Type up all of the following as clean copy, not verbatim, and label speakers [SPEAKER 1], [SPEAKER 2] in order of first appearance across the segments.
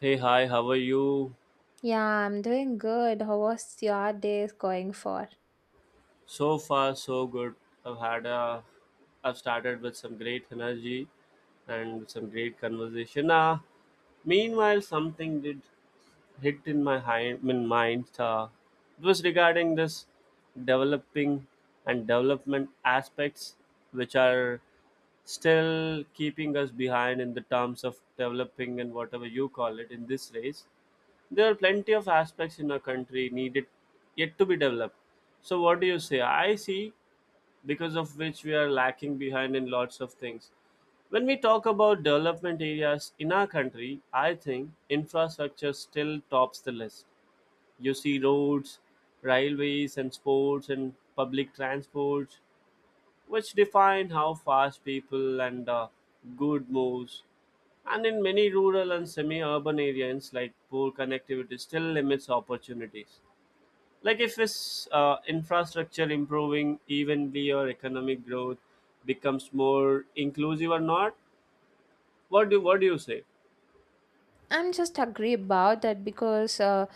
[SPEAKER 1] Hey, hi, how are you?
[SPEAKER 2] Yeah, I'm doing good. How was your day going for?
[SPEAKER 1] So far, so good. I've had a, I've started with some great energy and some great conversation. Meanwhile, something did hit in my hind, in mind. It was regarding this developing and development aspects, which are still keeping us behind in the terms of developing and whatever you call it in this race. There are plenty of aspects in our country needed yet to be developed. So, what do you say? I see because of which we are lacking behind in lots of things. When we talk about development areas in our country, I think infrastructure still tops the list. You see roads, railways, and sports and public transports which define how fast people and good moves. And in many rural and semi-urban areas, like poor connectivity still limits opportunities. Like if it's infrastructure improving evenly or economic growth becomes more inclusive or not, what do you say?
[SPEAKER 2] I'm just agree about that because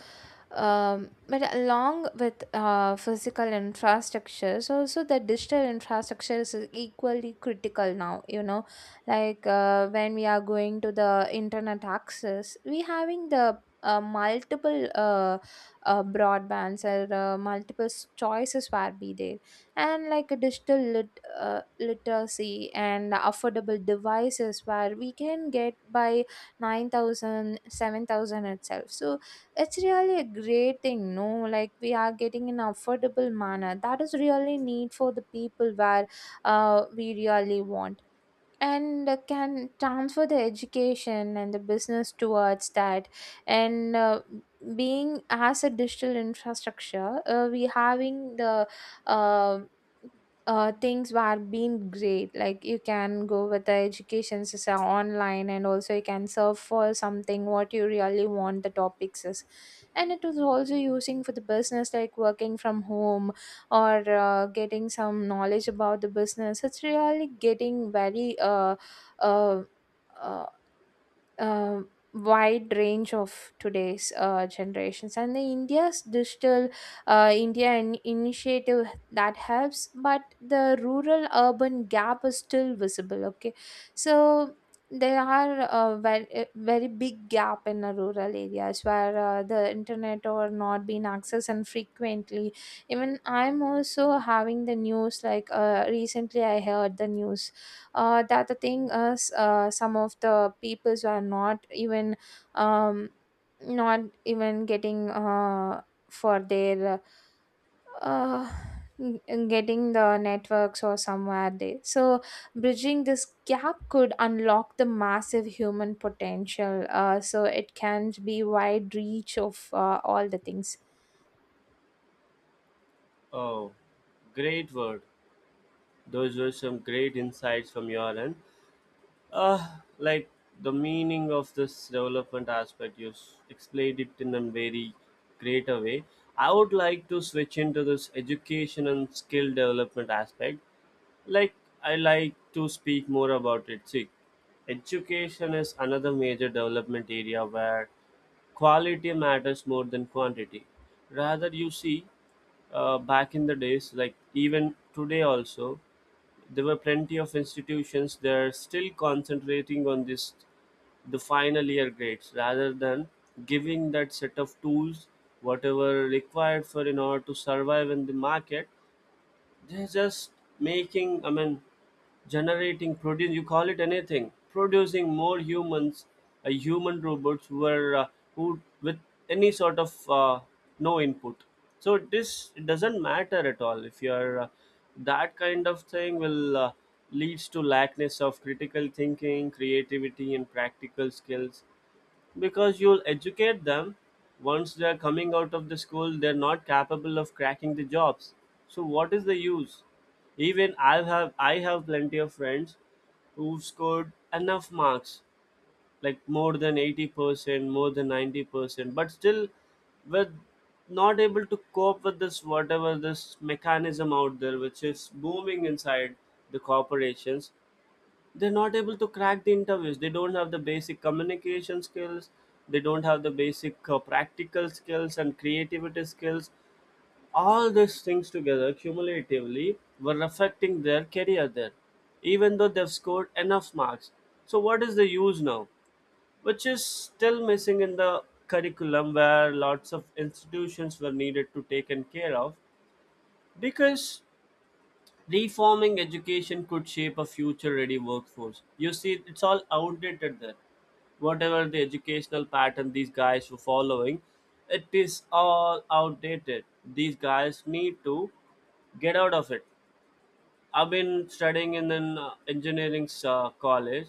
[SPEAKER 2] But along with physical infrastructures, also the digital infrastructure is equally critical now. Like when we are going to the internet access, we having the multiple broadbands or multiple choices where be there, and like a digital literacy and affordable devices where we can get by 9,000, 7,000 itself. So it's really a great thing, no? Like we are getting an affordable manner. That is really need for the people where we really want and can transfer the education and the business towards that and being as a digital infrastructure, we having the uh, things were being great, like you can go with the education system online, and also you can serve for something what you really want the topics is. And it was also using for the business, like working from home or getting some knowledge about the business. It's really getting very uh, uh, wide range of today's generations, and the India's digital, India initiative that helps, but the rural urban gap is still visible. Okay, so there are a very, very big gap in the rural areas where the internet or not being accessed and frequently. Even I'm also having the news, like recently I heard the news. The other thing is some of the peoples are not even, um, not even getting, for their, uh, getting the networks or somewhere there. So bridging this gap could unlock the massive human potential, so it can be wide reach of all the things.
[SPEAKER 1] Oh, great word. Those were some great insights from your end. Like the meaning of this development aspect, you explained it in a very greater way. I would like to switch into this education and skill development aspect. Like, I like to speak more about it. See, education is another major development area where quality matters more than quantity. Rather, you see, back in the days, like even today also, there were plenty of institutions that are still concentrating on this the final year grades rather than giving that set of tools whatever required for in order to survive in the market. They're just making, I mean, generating, produce, you call it anything, producing more humans, human robots were who with any sort of no input. So this, it doesn't matter at all. If you're that kind of thing will leads to lackness of critical thinking, creativity and practical skills, because you'll educate them. Once they're coming out of the school, they're not capable of cracking the jobs. So what is the use? Even I have plenty of friends who've scored enough marks, like more than 80%, more than 90%, but still were not able to cope with this whatever this mechanism out there which is booming inside the corporations. They're not able to crack the interviews, they don't have the basic communication skills, they don't have the basic practical skills and creativity skills. All these things together cumulatively were affecting their career there, even though they've scored enough marks. So what is the use now, which is still missing in the curriculum where lots of institutions were needed to taken care of? Because reforming education could shape a future ready workforce. You see, it's all outdated there. Whatever the educational pattern these guys were following, it is all outdated. These guys need to get out of it. I've been studying in an engineering college.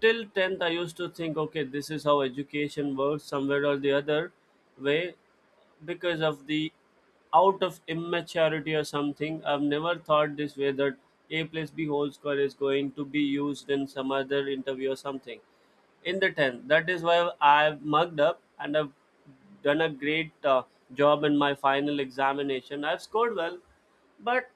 [SPEAKER 1] Till 10th, I used to think, okay, this is how education works, somewhere or the other way, because of the out of immaturity or something. I've never thought this way that A plus B whole square is going to be used in some other interview or something in the 10th. That is why I've mugged up and I've done a great job in my final examination. I've scored well, but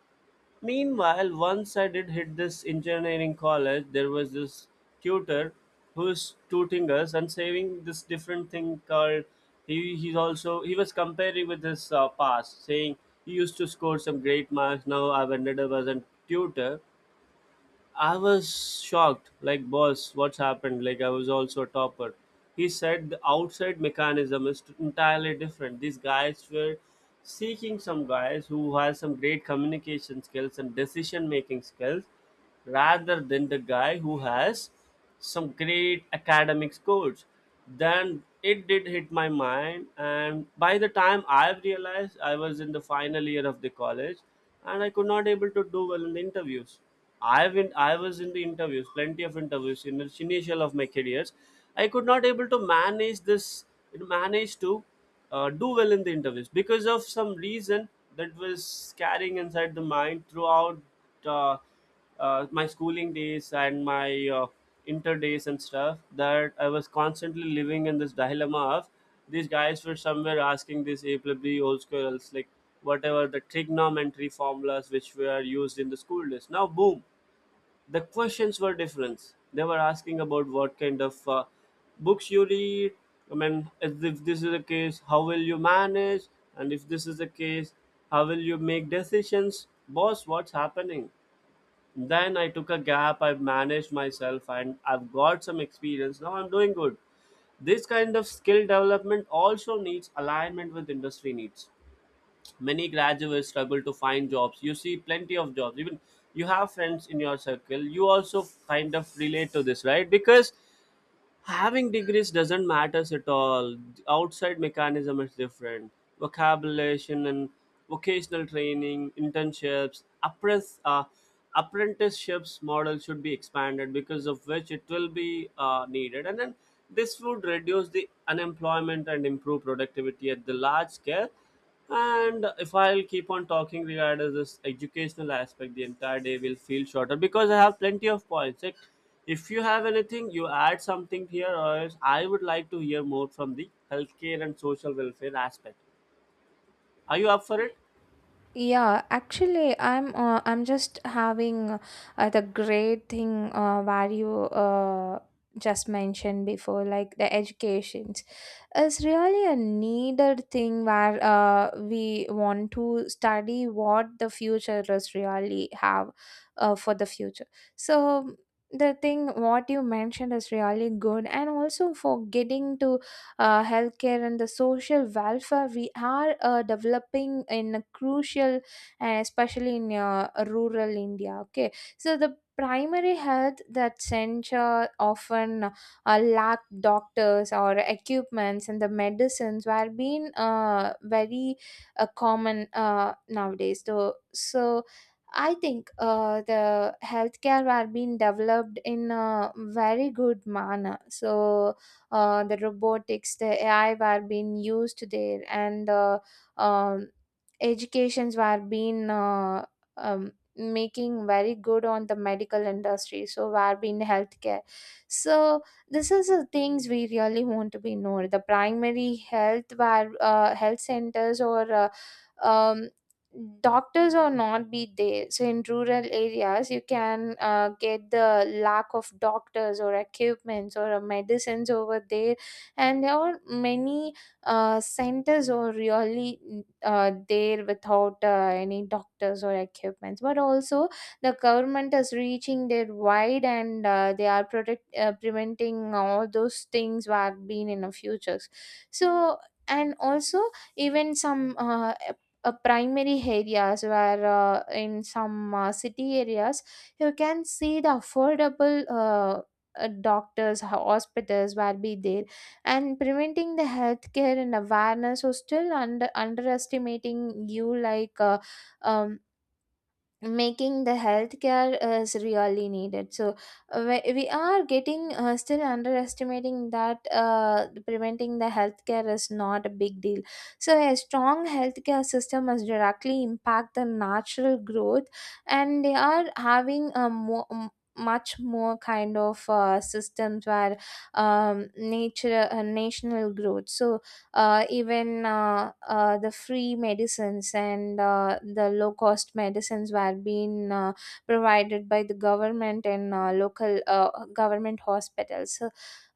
[SPEAKER 1] meanwhile, once I did hit this engineering college, there was this tutor who's tutoring us and saying this different thing called, he he's also he was comparing with his past, saying he used to score some great marks. Now I've ended up as a tutor. I was shocked, like, boss, what's happened? Like, I was also a topper. He said the outside mechanism is entirely different. These guys were seeking some guys who has some great communication skills and decision making skills rather than the guy who has some great academic scores. Then it did hit my mind, and by the time I've realized, I was in the final year of the college, and I could not able to do well in the interviews. I was in the interviews, plenty of interviews in the initial of my careers. I could not able to manage to do well in the interviews because of some reason that was carrying inside the mind throughout uh, my schooling days and my inter days and stuff, that I was constantly living in this dilemma of these guys were somewhere asking this A plus B whole square else, like whatever the trigonometry formulas which were used in the school days. Now boom, the questions were different. They were asking about what kind of books you read. I mean, if this is the case, how will you manage? And if this is the case, how will you make decisions? Boss, what's happening? Then I took a gap, I've managed myself, and I've got some experience. Now I'm doing good. This kind of skill development also needs alignment with industry needs. Many graduates struggle to find jobs. You see plenty of jobs. Even you have friends in your circle. You also kind of relate to this, right? Because having degrees doesn't matters at all. The outside mechanism is different. Vocabulation and vocational training, internships, apprenticeships model should be expanded, because of which it will be needed, and then this would reduce the unemployment and improve productivity at the large scale. And if I'll keep on talking regarding this educational aspect, the entire day will feel shorter because I have plenty of points. Like, if you have anything, you add something here, or else I would like to hear more from the healthcare and social welfare aspect. Are you up for it?
[SPEAKER 2] Yeah, actually, I'm just having the great thing, where you just mentioned before, like the education is really a needed thing where we want to study what the future is really have for the future. So the thing what you mentioned is really good, and also for getting to healthcare and the social welfare, we are developing in a crucial, and especially in rural India. Okay, so the primary health that center often lack doctors or equipments, and the medicines were being very common nowadays. So I think the healthcare were being developed in a very good manner. So the robotics, the AI were being used there, and um, educations were being making very good on the medical industry. So were being healthcare. So this is the things we really want to be known, the primary health where health centers or um, doctors or not be there. So in rural areas you can get the lack of doctors or equipments or medicines over there, and there are many centers are really there without any doctors or equipments. But also the government is reaching their wide, and they are protect preventing all those things what have been in the futures. So, and also, even some primary areas where in some city areas, you can see the affordable doctors hospitals will be there. And preventing the healthcare and awareness or still under underestimating you, like, um, making the healthcare is really needed. So we are getting still underestimating that preventing the healthcare is not a big deal. So a strong healthcare system must directly impact the natural growth, and they are having a more, much more kind of systems where nature national growth. So even the free medicines and the low cost medicines were being provided by the government, and local government hospitals. So,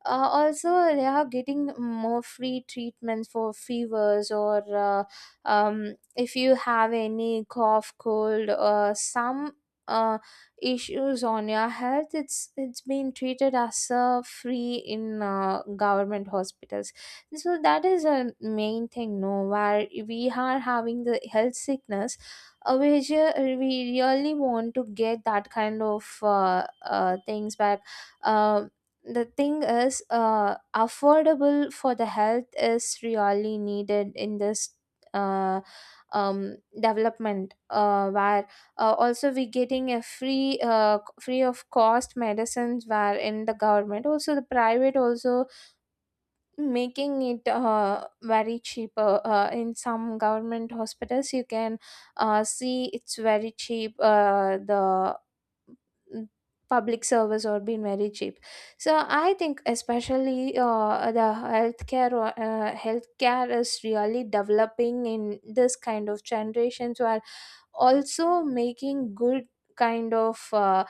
[SPEAKER 2] also, they are getting more free treatments for fevers, or if you have any cough, cold, some uh, issues on your health. It's being treated as free in government hospitals. So that is a main thing, no, where we are having the health sickness, which we really want to get that kind of things back. uh, the thing is affordable for the health is really needed in this uh, development, where also we getting a free free of cost medicines where in the government, also the private also making it very cheaper. In some government hospitals, you can see it's very cheap. Uh, the mm, public service or been very cheap. So I think especially the healthcare is really developing in this kind of generations, where also making good kind of uh,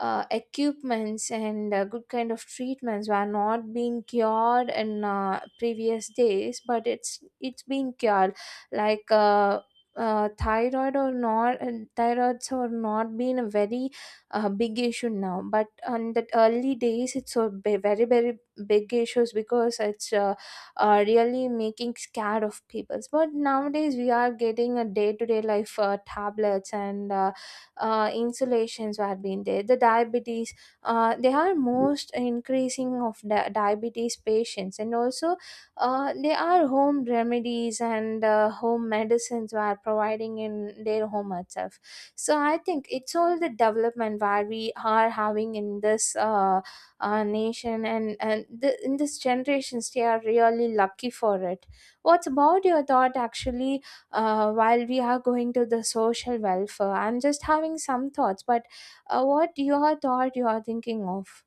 [SPEAKER 2] uh, equipments and good kind of treatments were not being cured in previous days, but it's been cured. Like thyroid or not, and thyroids or not been a very big issue now, but on the early days it's a very very big issues because it's really making scared of people. But nowadays we are getting a day-to-day life tablets and insulations are being there the diabetes. They are most increasing of diabetes patients, and also they are home remedies, and home medicines we are providing in their home itself. So I think it's all the development where we are having in this nation, and the, in this generations they are really lucky for it. What's about your thought, actually? While we are going to the social welfare, I'm just having some thoughts, but what your thought you are thinking of?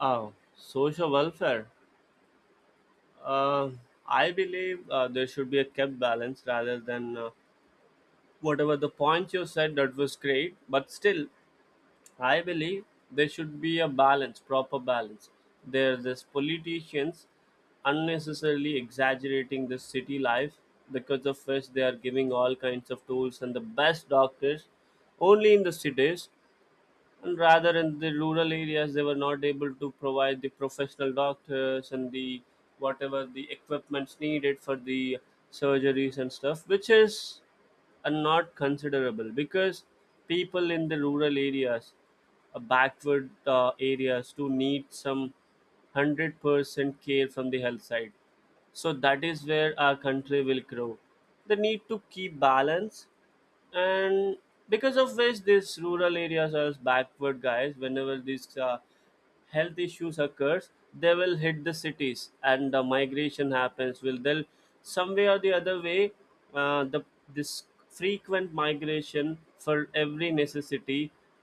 [SPEAKER 1] Oh, social welfare. Uh, I believe there should be a kept balance rather than whatever the point you said, that was great, but still I believe there should be a balance, proper balance. There's politicians unnecessarily exaggerating the city life, because of which they are giving all kinds of tools and the best doctors only in the cities, and rather in the rural areas they were not able to provide the professional doctors and the whatever the equipments needed for the surgeries and stuff, which is are not considerable. Because people in the rural areas, backward areas, to need some 100% care from the health side, so that is where our country will grow. They need to keep balance. And because of which these rural areas are backward guys, whenever these health issues occurs, they will hit the cities and the migration happens, will, they'll some way or the other way, the this frequent migration for every necessity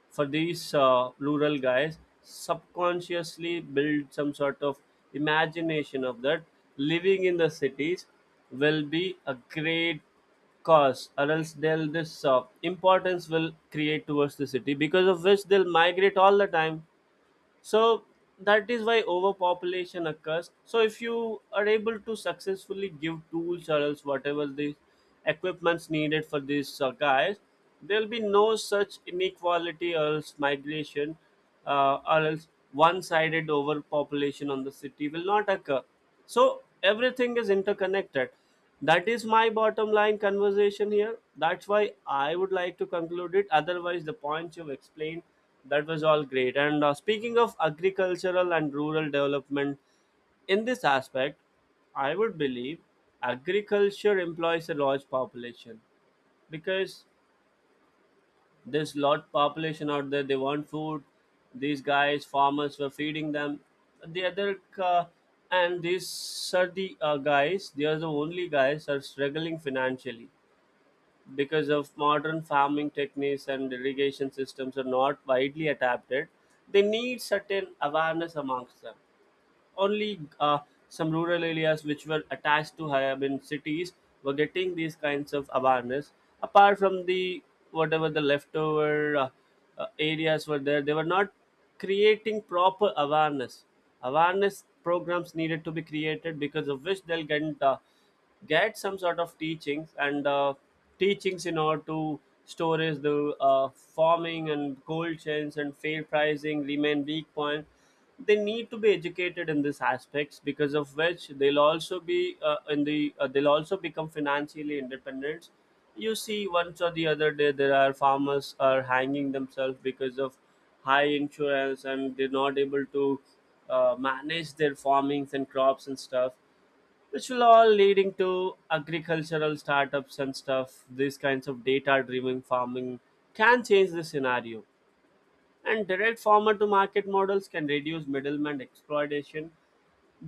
[SPEAKER 1] for these rural guys, subconsciously build some sort of imagination of that living in the cities will be a great cause, or else they'll, this importance will create towards the city, because of which they'll migrate all the time. So that is why overpopulation occurs. So if you are able to successfully give tools or else whatever the equipments needed for these guys, there'll be no such inequality or else migration, or else one-sided overpopulation on the city will not occur. So everything is interconnected. That is my bottom line conversation here, that's why I would like to conclude it. Otherwise the points you've explained, that was all great. And speaking of agricultural and rural development, in this aspect I would believe agriculture employs a large population. Because there's lot population out there, they want food, these guys farmers were feeding them. The other uh, and these are the guys, they are the only guys are struggling financially. Because of modern farming techniques and irrigation systems are not widely adapted, they need certain awareness amongst them. Only some rural areas which were attached to urban cities were getting these kinds of awareness. Apart from the whatever the leftover areas were there, they were not creating proper awareness. Awareness programs needed to be created, because of which they'll get some sort of teachings and. Teachings in order to storage the farming and gold chains and fair pricing remain weak point, they need to be educated in these aspects because of which they'll also be in the they'll also become financially independent. You see, once or the other day there are farmers are hanging themselves because of high insurance and they're not able to manage their farmings and crops and stuff, which will all leading to agricultural startups and stuff. These kinds of data driven farming can change the scenario, and direct farmer to market models can reduce middleman exploitation.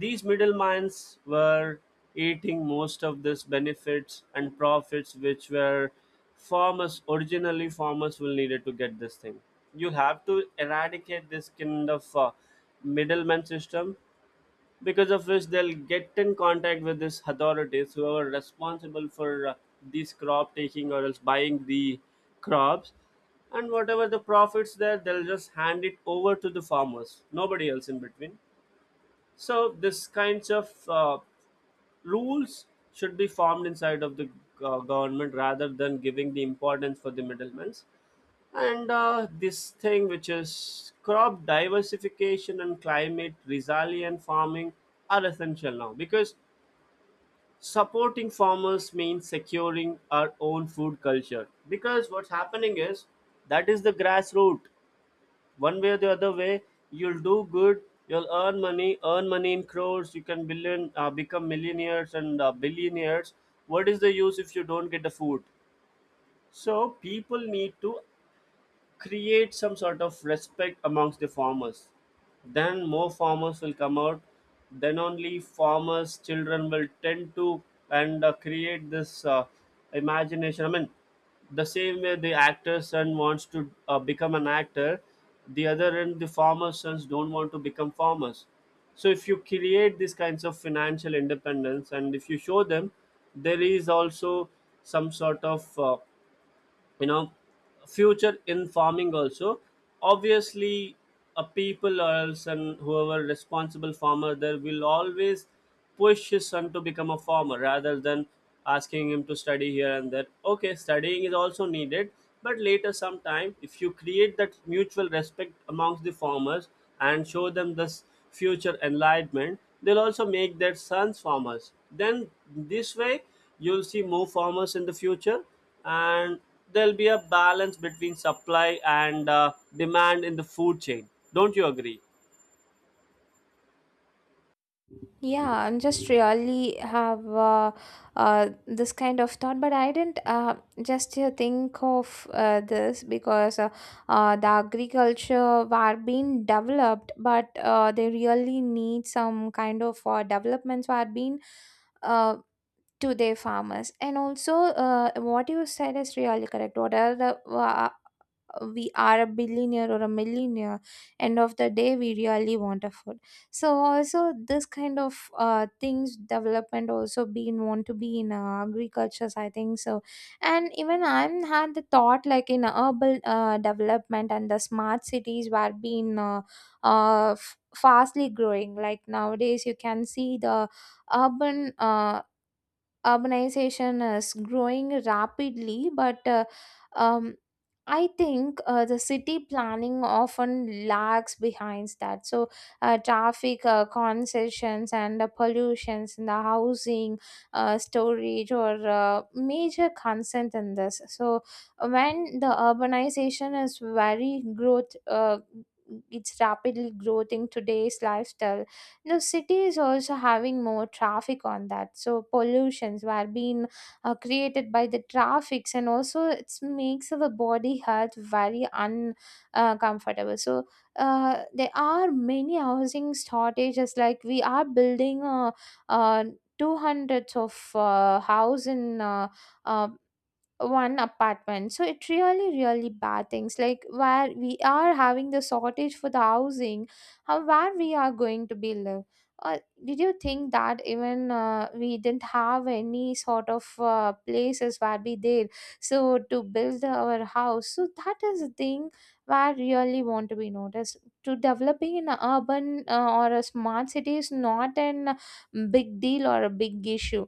[SPEAKER 1] These middlemen were eating most of these benefits and profits which were farmers originally farmers will needed to get this thing. You have to eradicate this kind of middleman system, because of which they'll get in contact with these authorities who are responsible for these crop taking or else buying the crops, and whatever the profits there they'll just hand it over to the farmers, nobody else in between. So this kinds of rules should be formed inside of the government rather than giving the importance for the middlemen. And This thing which is crop diversification and climate resilient farming are essential now, because supporting farmers means securing our own food culture. Because what's happening is that is the grassroots. One way or the other way, you'll do good, you'll earn money in crores, you can billion become millionaires and billionaires. What is the use if you don't get the food? So people need to create some sort of respect amongst the farmers, then more farmers will come out, then only farmers children will tend to and create this imagination. I mean, the same way the actor's son wants to become an actor, the other end the farmer's sons don't want to become farmers. So if you create these kinds of financial independence and if you show them there is also some sort of you know future in farming also, obviously, a people or else and whoever responsible farmer there will always push his son to become a farmer rather than asking him to study here and there. Okay, studying is also needed, but later sometime if you create that mutual respect amongst the farmers and show them this future enlightenment, they'll also make their sons farmers. Then this way you'll see more farmers in the future, and there'll be a balance between supply and demand in the food chain. Don't you agree?
[SPEAKER 2] Yeah, I'm just really have this kind of thought, but I didn't just think of this because the agriculture were being developed, but they really need some kind of developments were being uh, to their farmers. And also, what you said is really correct. What are the we are a billionaire or a millionaire, end of the day we really want a food. So also this kind of things development also being want to be in agricultures, I think so. And even I'm had the thought like in urban development and the smart cities were being fastly growing. Like nowadays you can see the urban uh, urbanization is growing rapidly, but um, I think the city planning often lags behind that. So, traffic concessions and the pollutions in the housing, storage, or major concern in this. So, when the urbanization is very growth, it's rapidly growth in today's lifestyle now, city is also having more traffic on that. So, pollutions were being created by the traffics, and also it makes the body health very uncomfortable. Comfortable. So, there are many housing shortages. Like we are building uh, 200s of house in uh, one apartment. So it really really bad things, like where we are having the shortage for the housing, how where we are going to be live. uh, did you think that even we didn't have any sort of places where we did, so to build our house? So that is the thing where really want to be noticed. To developing in an urban, or a smart city, is not an big deal or a big issue.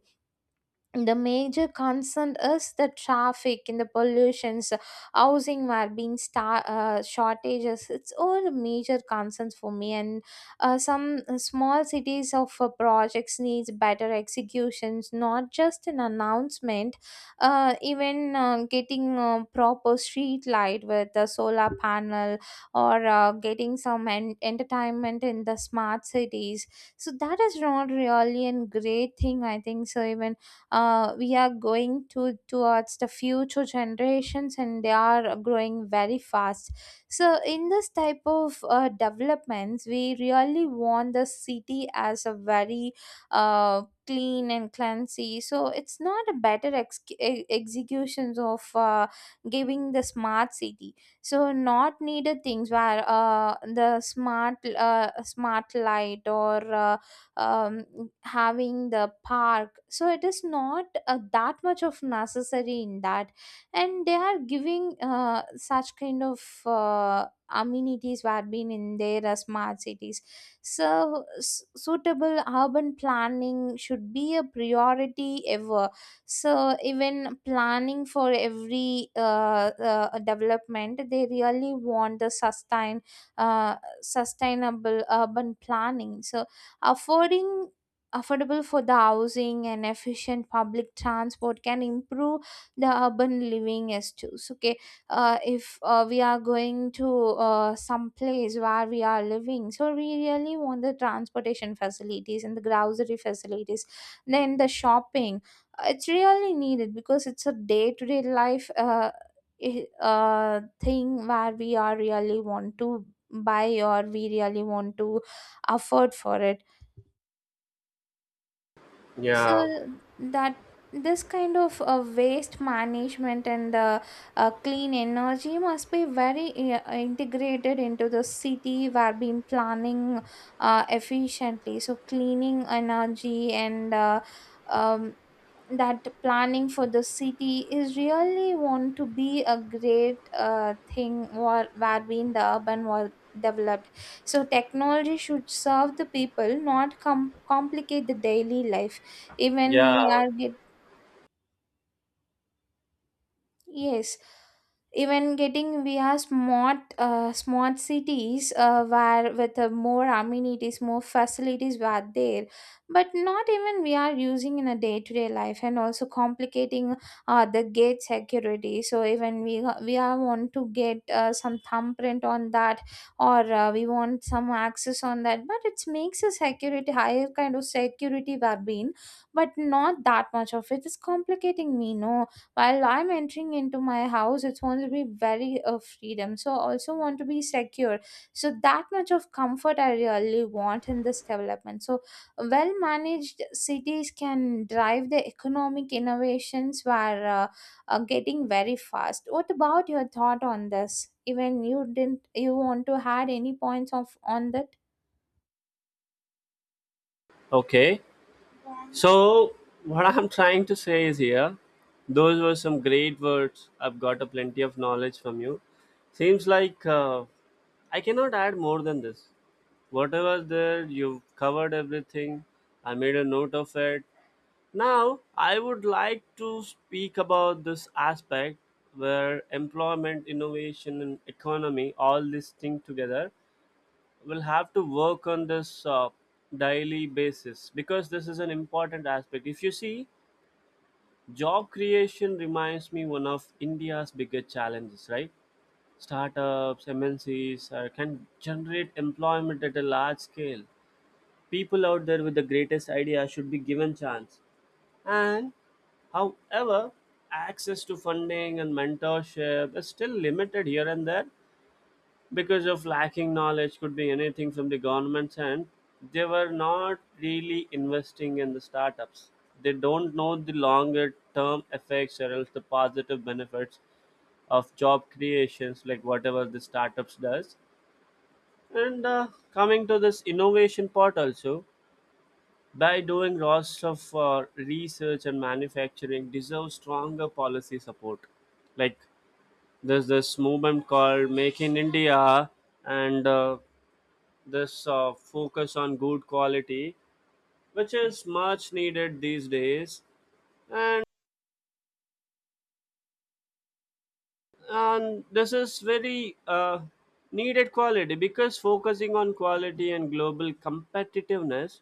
[SPEAKER 2] The major concern is the traffic and the pollutions, housing were being star shortages. It's all major concerns for me. And some small cities of projects needs better executions, not just an announcement. Even getting proper street light with the solar panel, or getting some entertainment in the smart cities. So that is not really a great thing, I think. So, even we are going to towards the future generations and they are growing very fast. So in this type of developments, we really want the city as a very clean and cleansy. So it's not a better executions of giving the smart city. So not needed things where the smart smart light, or um, having the park, so it is not that much of necessary in that. And they are giving such kind of amenities were been in their smart cities. So suitable urban planning should be a priority ever. So even planning for every development, they really want the uh, sustainable urban planning. So affording affordable for the housing and efficient public transport can improve the urban living as too. So okay, if we are going to some place where we are living, so we really want the transportation facilities and the grocery facilities, then the shopping. It's really needed because it's a day-to-day life i- uh, thing where we are really want to buy, or we really want to afford for it. So
[SPEAKER 1] Yeah,
[SPEAKER 2] that this kind of waste management and clean energy must be very integrated into the city where been planning efficiently. So cleaning energy and um, that planning for the city is really want to be a great thing, where being the urban was developed. So technology should serve the people, not complicate the daily life, even
[SPEAKER 1] yeah.
[SPEAKER 2] we are get. Yes, even getting we have smart cities where with more amenities, more facilities were there, but not even we are using in a day to day life, and also complicating the gate security. So even we are want to get some thumbprint on that, or we want some access on that, but it makes a security higher kind of security were being, but not that much of it is complicating me. No, while I'm entering into my house, it's going to be very freedom, so also want to be secure. So that much of comfort I really want in this development. So well managed cities can drive the economic innovations. Were are getting very fast. What about your thought on this? Even you didn't, you want to add any points of on that?
[SPEAKER 1] Okay, so what I'm trying to say is here, those were some great words, I've got a plenty of knowledge from you. Seems like I cannot add more than this. Whatever there, you've covered everything. I made a note of it. Now, I would like to speak about this aspect where employment, innovation, and economy, all these things together will have to work on this daily basis because this is an important aspect. If you see, job creation reminds me one of India's biggest challenges, right? Startups, MNCs can generate employment at a large scale. People out there with the greatest idea should be given chance, and however, access to funding and mentorship is still limited here and there because of lacking knowledge, could be anything from the government's end. They were not really investing in the startups. They don't know the longer term effects or else the positive benefits of job creations, like whatever the startups does. And Coming to this innovation part also, by doing lots of research and manufacturing deserve stronger policy support. Like, there's this movement called make in india, and this focus on good quality which is much needed these days. And and this is very needed quality because focusing on quality and global competitiveness,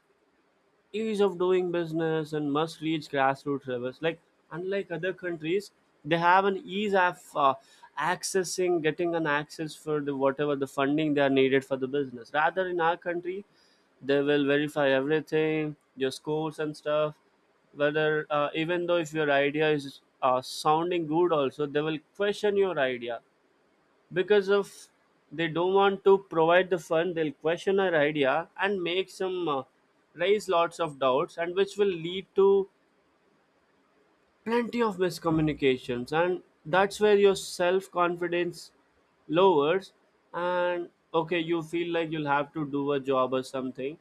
[SPEAKER 1] ease of doing business, and must reach grassroots levels. Like unlike other countries, they have an ease of accessing getting an access for the whatever the funding they are needed for the business, rather in our country they will verify everything, your scores and stuff. Whether even though if your idea is sounding good also, they will question your idea, because of they don't want to provide the fund, they'll question our idea and make some raise lots of doubts, and which will lead to plenty of miscommunications, and that's where your self confidence lowers. And okay, you feel like you'll have to do a job or something,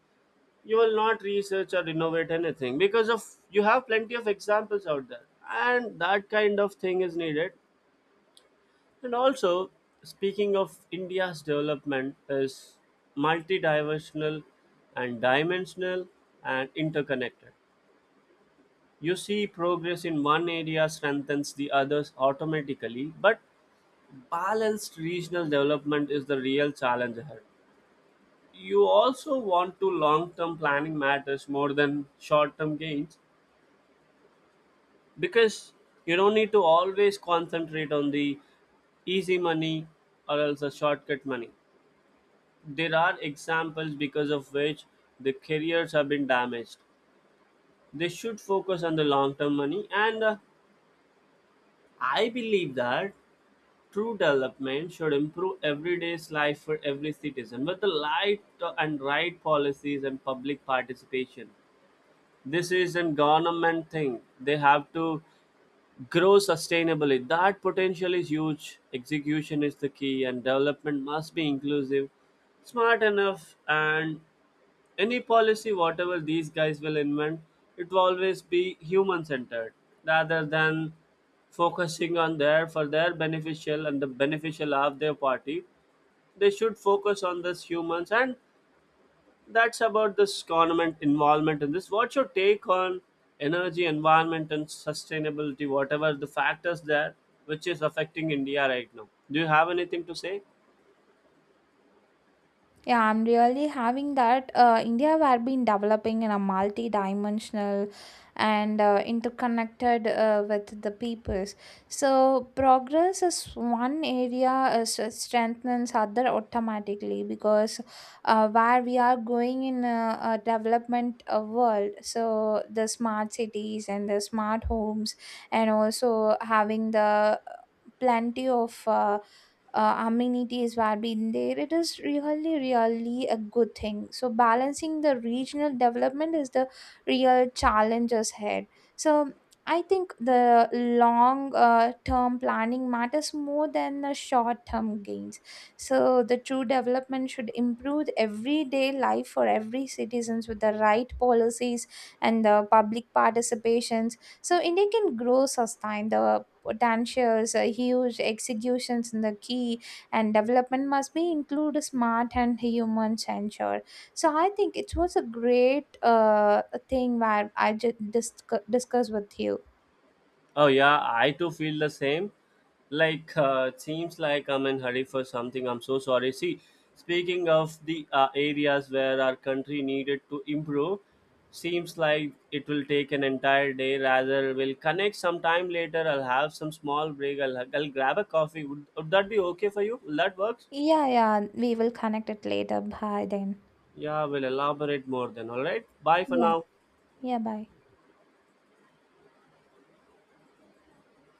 [SPEAKER 1] you will not research or innovate anything, because of you have plenty of examples out there, and that kind of thing is needed. And also, speaking of India's development, is multidimensional and dimensional and interconnected. You see, progress in one area strengthens the others automatically, but balanced regional development is the real challenge ahead. You also want to long-term planning matters more than short-term gains, because you don't need to always concentrate on the easy money or else the shortcut money. There are examples because of which the careers have been damaged. They should focus on the long term money, and I believe that true development should improve everyday's life for every citizen with the light and right policies and public participation. This is a government thing. They have to grow sustainably. That potential is huge. Execution is the key, and development must be inclusive, smart enough, and any policy whatever these guys will invent, it will always be human centered, rather than focusing on their for their beneficial and the beneficial of their party. They should focus on this humans. And that's about this government involvement in this. What's your take on energy, environment, and sustainability, whatever the factors there, which is affecting india right now? Do you have anything to say?
[SPEAKER 2] Yeah, I'm really having that. India have been developing in a multi-dimensional and interconnected with the peoples. So progress is one area strengthens other automatically, because where we are going in a development world. So the smart cities and the smart homes, and also having the plenty of amenities were being there, it is really really a good thing. So balancing the regional development is the real challenges ahead. So I think the long term planning matters more than the short term gains. So the true development should improve everyday life for every citizens with the right policies and the public participation. So India can grow sustain the potentials, huge executions in the key, and development must be include smart and human censure. So I think it was a great thing where I just discuss with you.
[SPEAKER 1] Oh yeah, I too feel the same. Like it seems like I'm in hurry for something. I'm so sorry. See, speaking of the areas where our country needed to improve, seems like it will take an entire day. Rather, we'll connect sometime later. I'll have some small break. I'll grab a coffee. Would that be okay for you? Will that works?
[SPEAKER 2] Yeah, yeah, we will connect it later. Bye then.
[SPEAKER 1] Yeah, we'll elaborate more then. All right. Bye for
[SPEAKER 2] Yeah,
[SPEAKER 1] now.
[SPEAKER 2] yeah, bye.